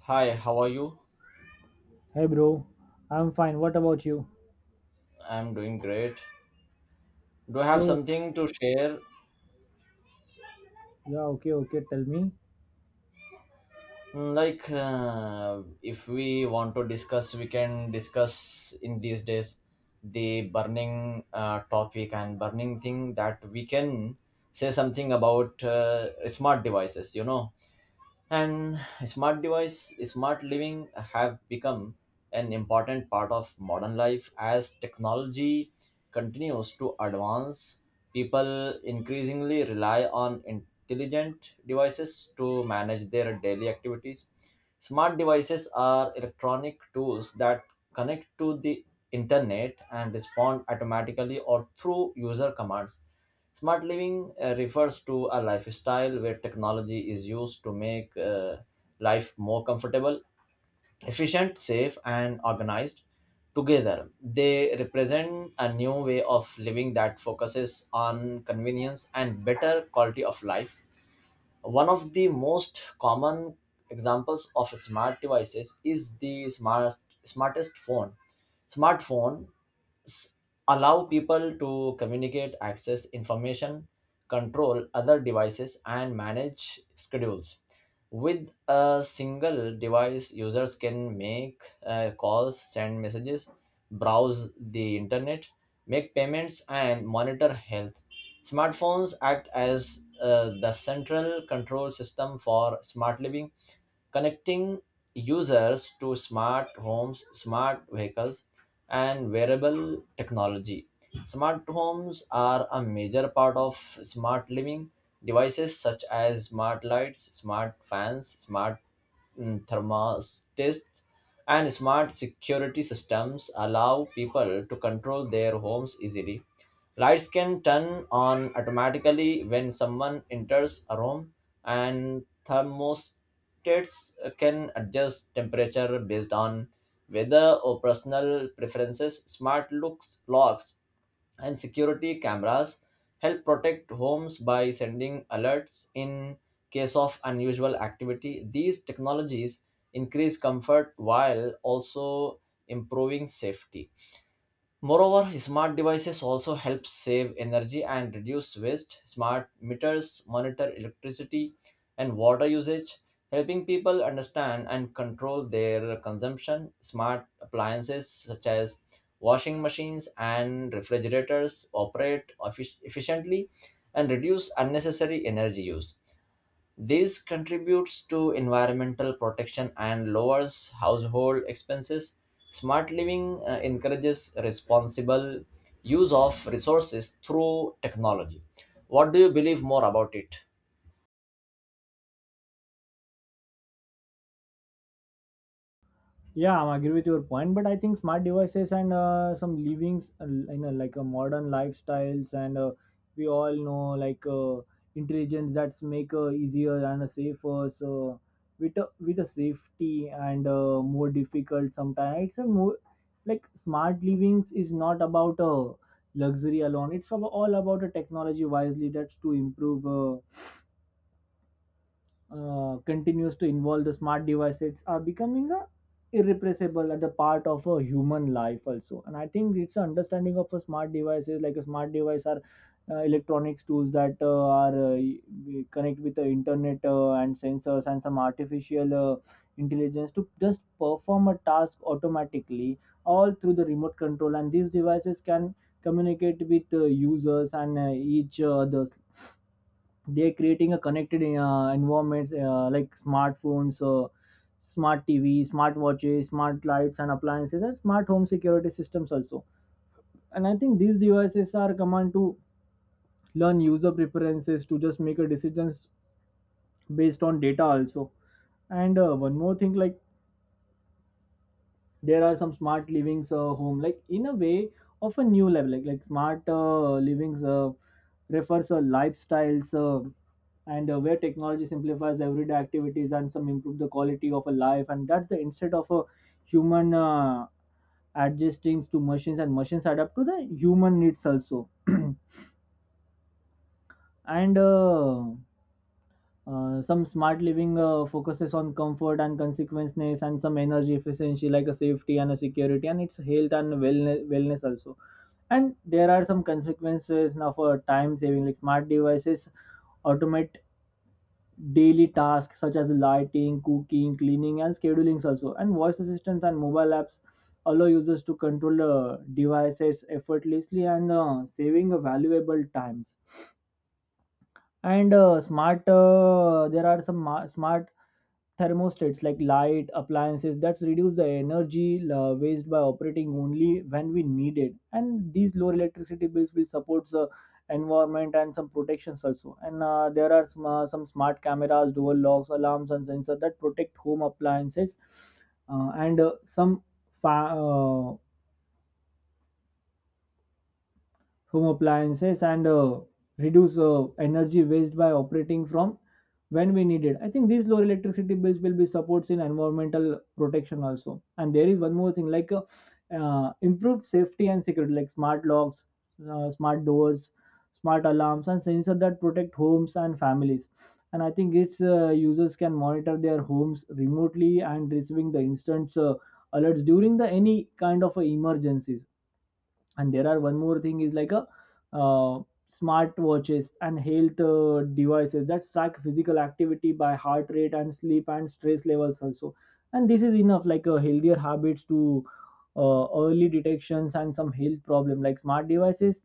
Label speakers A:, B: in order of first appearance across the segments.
A: Hi, how are you?
B: Hey bro, I'm fine. What about you?
A: I'm doing great. Do I have
B: So,
A: something to share?
B: yeah, okay, tell me.
A: If we want to discuss, we can discuss in these days the burning topic and burning thing that we can say something about smart devices, and smart device smart living have become an important part of modern life as technology continues to advance. People increasingly rely on intelligent devices to manage their daily activities. Smart devices are electronic tools that connect to the internet and respond automatically or through user commands. Smart living refers to a lifestyle where technology is used to make life more comfortable, efficient, safe, and organized. Together, they represent a new way of living that focuses on convenience and better quality of life. One of the most common examples of smart devices is the smartest phone. Smartphone s- Allow people to communicate, access information, control other devices, and manage schedules. With a single device, users can make calls, send messages, browse the internet, make payments, and monitor health. Smartphones act as the central control system for smart living, connecting users to smart homes, smart vehicles, and wearable technology. Smart homes are a major part of smart living. Devices such as smart lights, smart fans, smart thermostats, and smart security systems allow people to control their homes easily. Lights can turn on automatically when someone enters a room, and thermostats Markets can adjust temperature based on weather or personal preferences. Smart locks, and security cameras help protect homes by sending alerts in case of unusual activity. These technologies increase comfort while also improving safety. Moreover, smart devices also help save energy and reduce waste. Smart meters monitor electricity and water usage, helping people understand and control their consumption. Smart appliances such as washing machines and refrigerators operate efficiently and reduce unnecessary energy use. This contributes to environmental protection and lowers household expenses. Smart living encourages responsible use of resources through technology. What do you believe more about it?
B: Yeah, I'm agree with your point, but I think smart devices and some livings like a modern lifestyles and we all know like intelligence that's make easier and safer. So with a safety and more difficult sometimes. It's a more like smart livings is not about luxury alone. All about a technology wisely that's to improve. Continues to involve the smart devices are becoming a irrepressible at the part of a human life also. And I think it's an understanding of a smart devices like a smart device are electronics tools that are connect with the internet and sensors and some artificial intelligence to just perform a task automatically all through the remote control. And these devices can communicate with users and each other. They're creating a connected environment like smartphones, smart TV, smart watches, smart lights and appliances, and smart home security systems also. And I think these devices are command to learn user preferences to just make a decisions based on data also. And one more thing, like there are some smart livings home like in a way of a new level, like smart livings refers a lifestyles and where technology simplifies everyday activities and some improve the quality of a life. And that's the instead of a human adjusting to machines, and machines adapt to the human needs also. and Some smart living focuses on comfort and consequences and some energy efficiency, like a safety and a security and it's health and wellness also. And there are some consequences now for time saving, like smart devices automate daily tasks such as lighting, cooking, cleaning, and scheduling also. And voice assistants and mobile apps allow users to control devices effortlessly and saving valuable times. And Smart, there are some smart thermostats like light appliances that reduce the energy waste by operating only when we need it. And these lower electricity bills will support the environment and some protections also. And there are some smart cameras, dual locks, alarms, and sensors that protect home appliances and some fa- uh, home appliances and reduce energy waste by operating from when we need it. I think these lower electricity bills will be supports in environmental protection also. And there is one more thing like improved safety and security, like smart locks, smart doors, smart alarms, and sensors that protect homes and families. And I think its users can monitor their homes remotely and receiving the instant alerts during the any kind of emergencies. And there are one more thing is like a uh, smart watches and health devices that track physical activity by heart rate and sleep and stress levels also. And this is enough like healthier habits to early detections and some health problem, like smart devices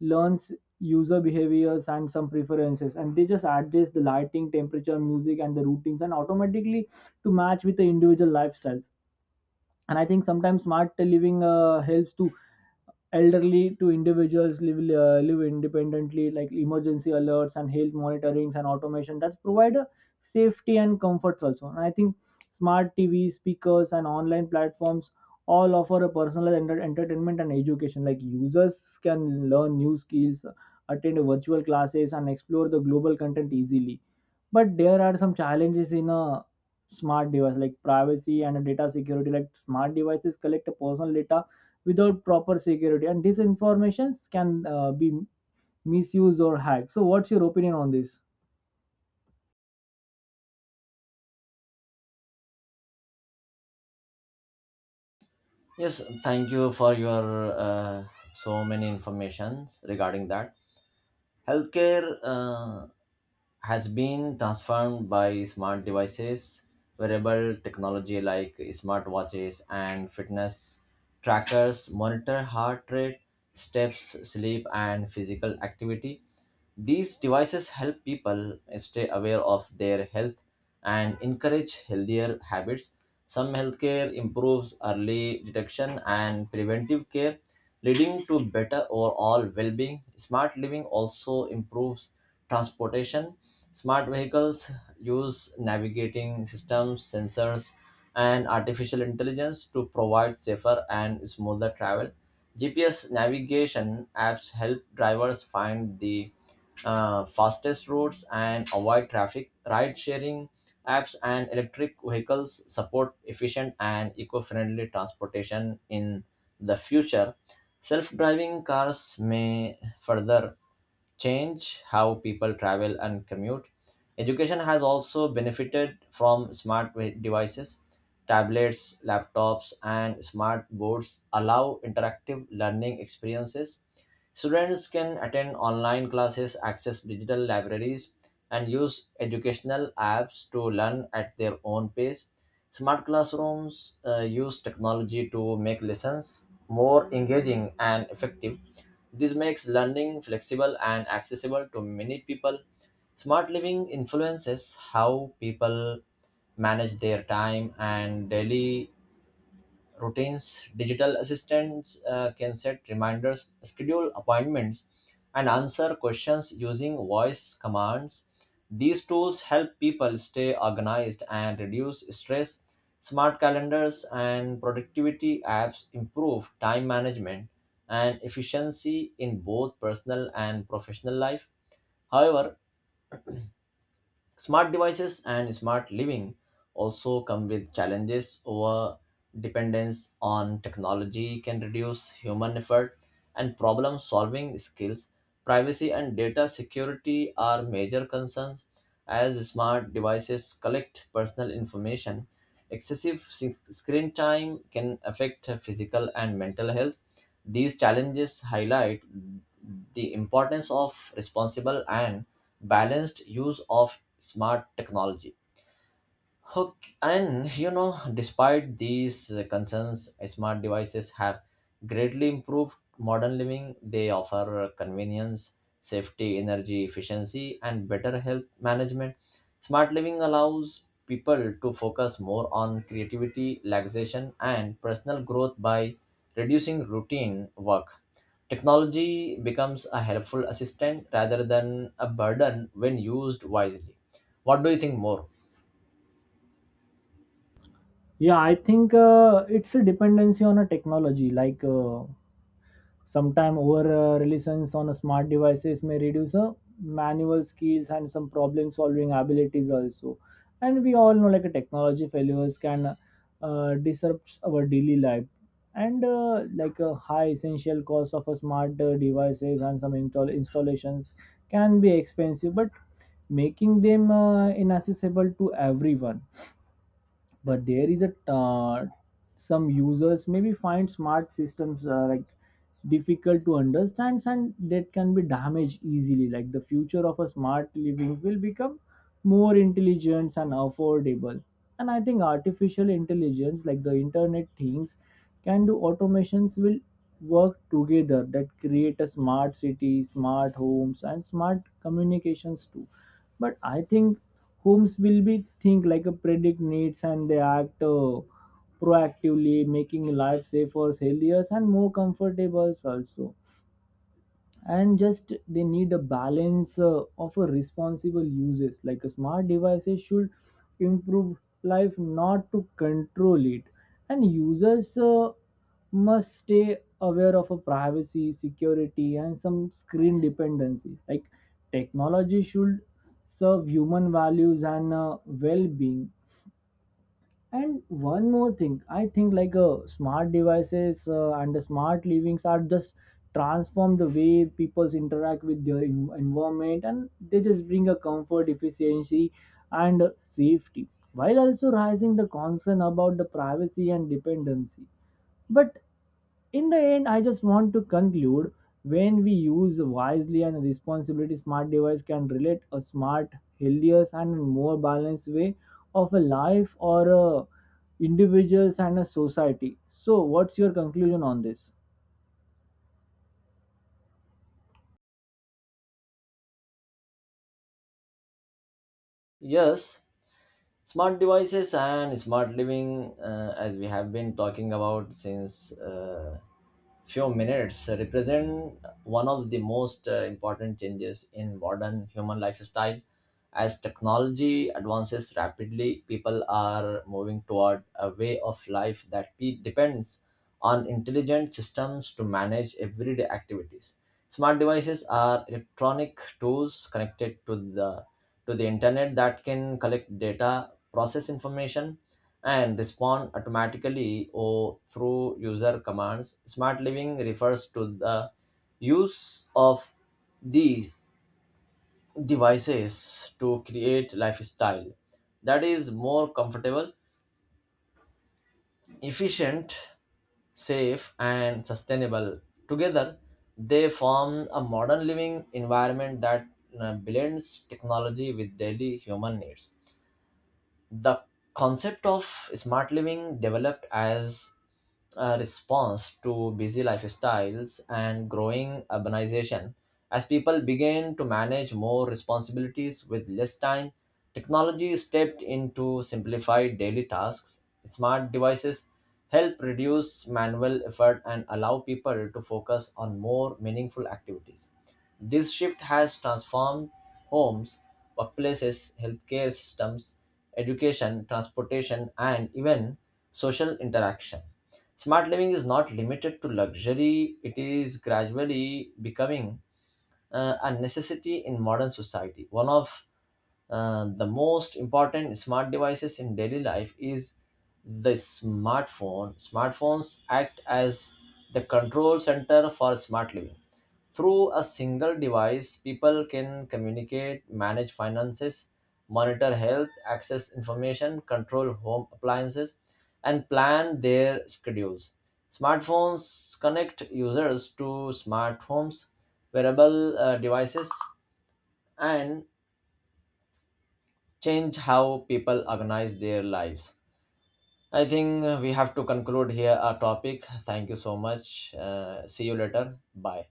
B: learns user behaviors and some preferences, and they just adjust the lighting, temperature, music, and the routines and automatically to match with the individual lifestyles. And I think sometimes smart living helps to elderly to individuals live independently, like emergency alerts and health monitorings and automation that provide a safety and comforts also. And I think smart TV, speakers, and online platforms all offer a personalized entertainment and education, like users can learn new skills, attend virtual classes, and explore the global content easily. But there are some challenges in a smart device, like privacy and data security. Like smart devices collect personal data without proper security, and this information can be misused or hacked. So, what's your opinion on this?
A: Yes, thank you for your so many informations regarding that. Healthcare has been transformed by smart devices. Wearable technology like smartwatches and fitness trackers monitor heart rate, steps, sleep, and physical activity. These devices help people stay aware of their health and encourage healthier habits. Some healthcare improves early detection and preventive care, leading to better overall well being. Smart living also improves transportation. Smart vehicles use navigating systems, sensors, and artificial intelligence to provide safer and smoother travel. GPS navigation apps help drivers find the fastest routes and avoid traffic. Ride sharing apps and electric vehicles support efficient and eco friendly transportation in the future. Self driving cars may further change how people travel and commute. Education has also benefited from smart devices. Tablets, laptops, and smart boards allow interactive learning experiences. Students can attend online classes, access digital libraries, and use educational apps to learn at their own pace. Smart classrooms use technology to make lessons more engaging and effective. This makes learning flexible and accessible to many people. Smart living influences how people manage their time and daily routines. Digital assistants can set reminders, schedule appointments, and answer questions using voice commands. These tools help people stay organized and reduce stress. Smart calendars and productivity apps improve time management and efficiency in both personal and professional life. However, smart devices and smart living also come with challenges. Over dependence on technology can reduce human effort and problem solving skills. Privacy and data security are major concerns as smart devices collect personal information. Excessive screen time can affect physical and mental health. These challenges highlight the importance of responsible and balanced use of smart technology. Okay, and you know, despite these concerns, smart devices have greatly improved modern living. They offer convenience, safety, energy efficiency, and better health management. Smart living allows people to focus more on creativity, relaxation, and personal growth by reducing routine work. Technology becomes a helpful assistant rather than a burden when used wisely. What do you think more?
B: Yeah, I think it's a dependency on a technology like. Sometime over reliance on smart devices may reduce manual skills and some problem solving abilities also. And we all know like a technology failures can disrupt our daily life. And like a high essential cost of a smart devices and some installations can be expensive, but making them inaccessible to everyone. But there is a some users maybe find smart systems like difficult to understand, and that can be damaged easily. Like the future of a smart living will become more intelligent and affordable. And I think artificial intelligence like the internet things can do automations will work together that create a smart city, smart homes, and smart communications too. But I think homes will be think like a predict needs, and they act proactively, making life safer, healthier, and more comfortable also. And just they need a balance of a responsible uses, like a smart devices should improve life, not to control it. And users must stay aware of a privacy, security, and some screen dependency, like technology should serve human values and well-being. And one more thing, I think like smart devices and the smart livings are just transform the way people interact with their environment, and they just bring a comfort, efficiency, and safety, while also raising the concern about the privacy and dependency. But in the end, I just want to conclude, when we use wisely and responsibility, smart device can relate a smart, healthier, and more balanced way of a life or a individuals and a society. So, what's your conclusion on this?
A: Yes, smart devices and smart living, as we have been talking about since few minutes, represent one of the most important changes in modern human lifestyle. As technology advances rapidly, people are moving toward a way of life that depends on intelligent systems to manage everyday activities. Smart devices are electronic tools connected to the internet that can collect data, process information, and respond automatically or through user commands. Smart living refers to the use of these devices to create lifestyle that is more comfortable, efficient, safe, and sustainable. Together they form a modern living environment that blends technology with daily human needs. The concept of smart living developed as a response to busy lifestyles and growing urbanization. As people began to manage more responsibilities with less time, technology stepped into simplified daily tasks. Smart devices help reduce manual effort and allow people to focus on more meaningful activities. This shift has transformed homes, workplaces, healthcare systems, education, transportation, and even social interaction. Smart living is not limited to luxury, it is gradually becoming a necessity in modern society. One of the most important smart devices in daily life is the smartphone. Smartphones act as the control center for smart living. Through a single device, people can communicate, manage finances, monitor health, access information, control home appliances, and plan their schedules. Smartphones connect users to smart homes, wearable devices, and change how people organize their lives. I think we have to conclude here our topic. Thank you so much. See you later. Bye.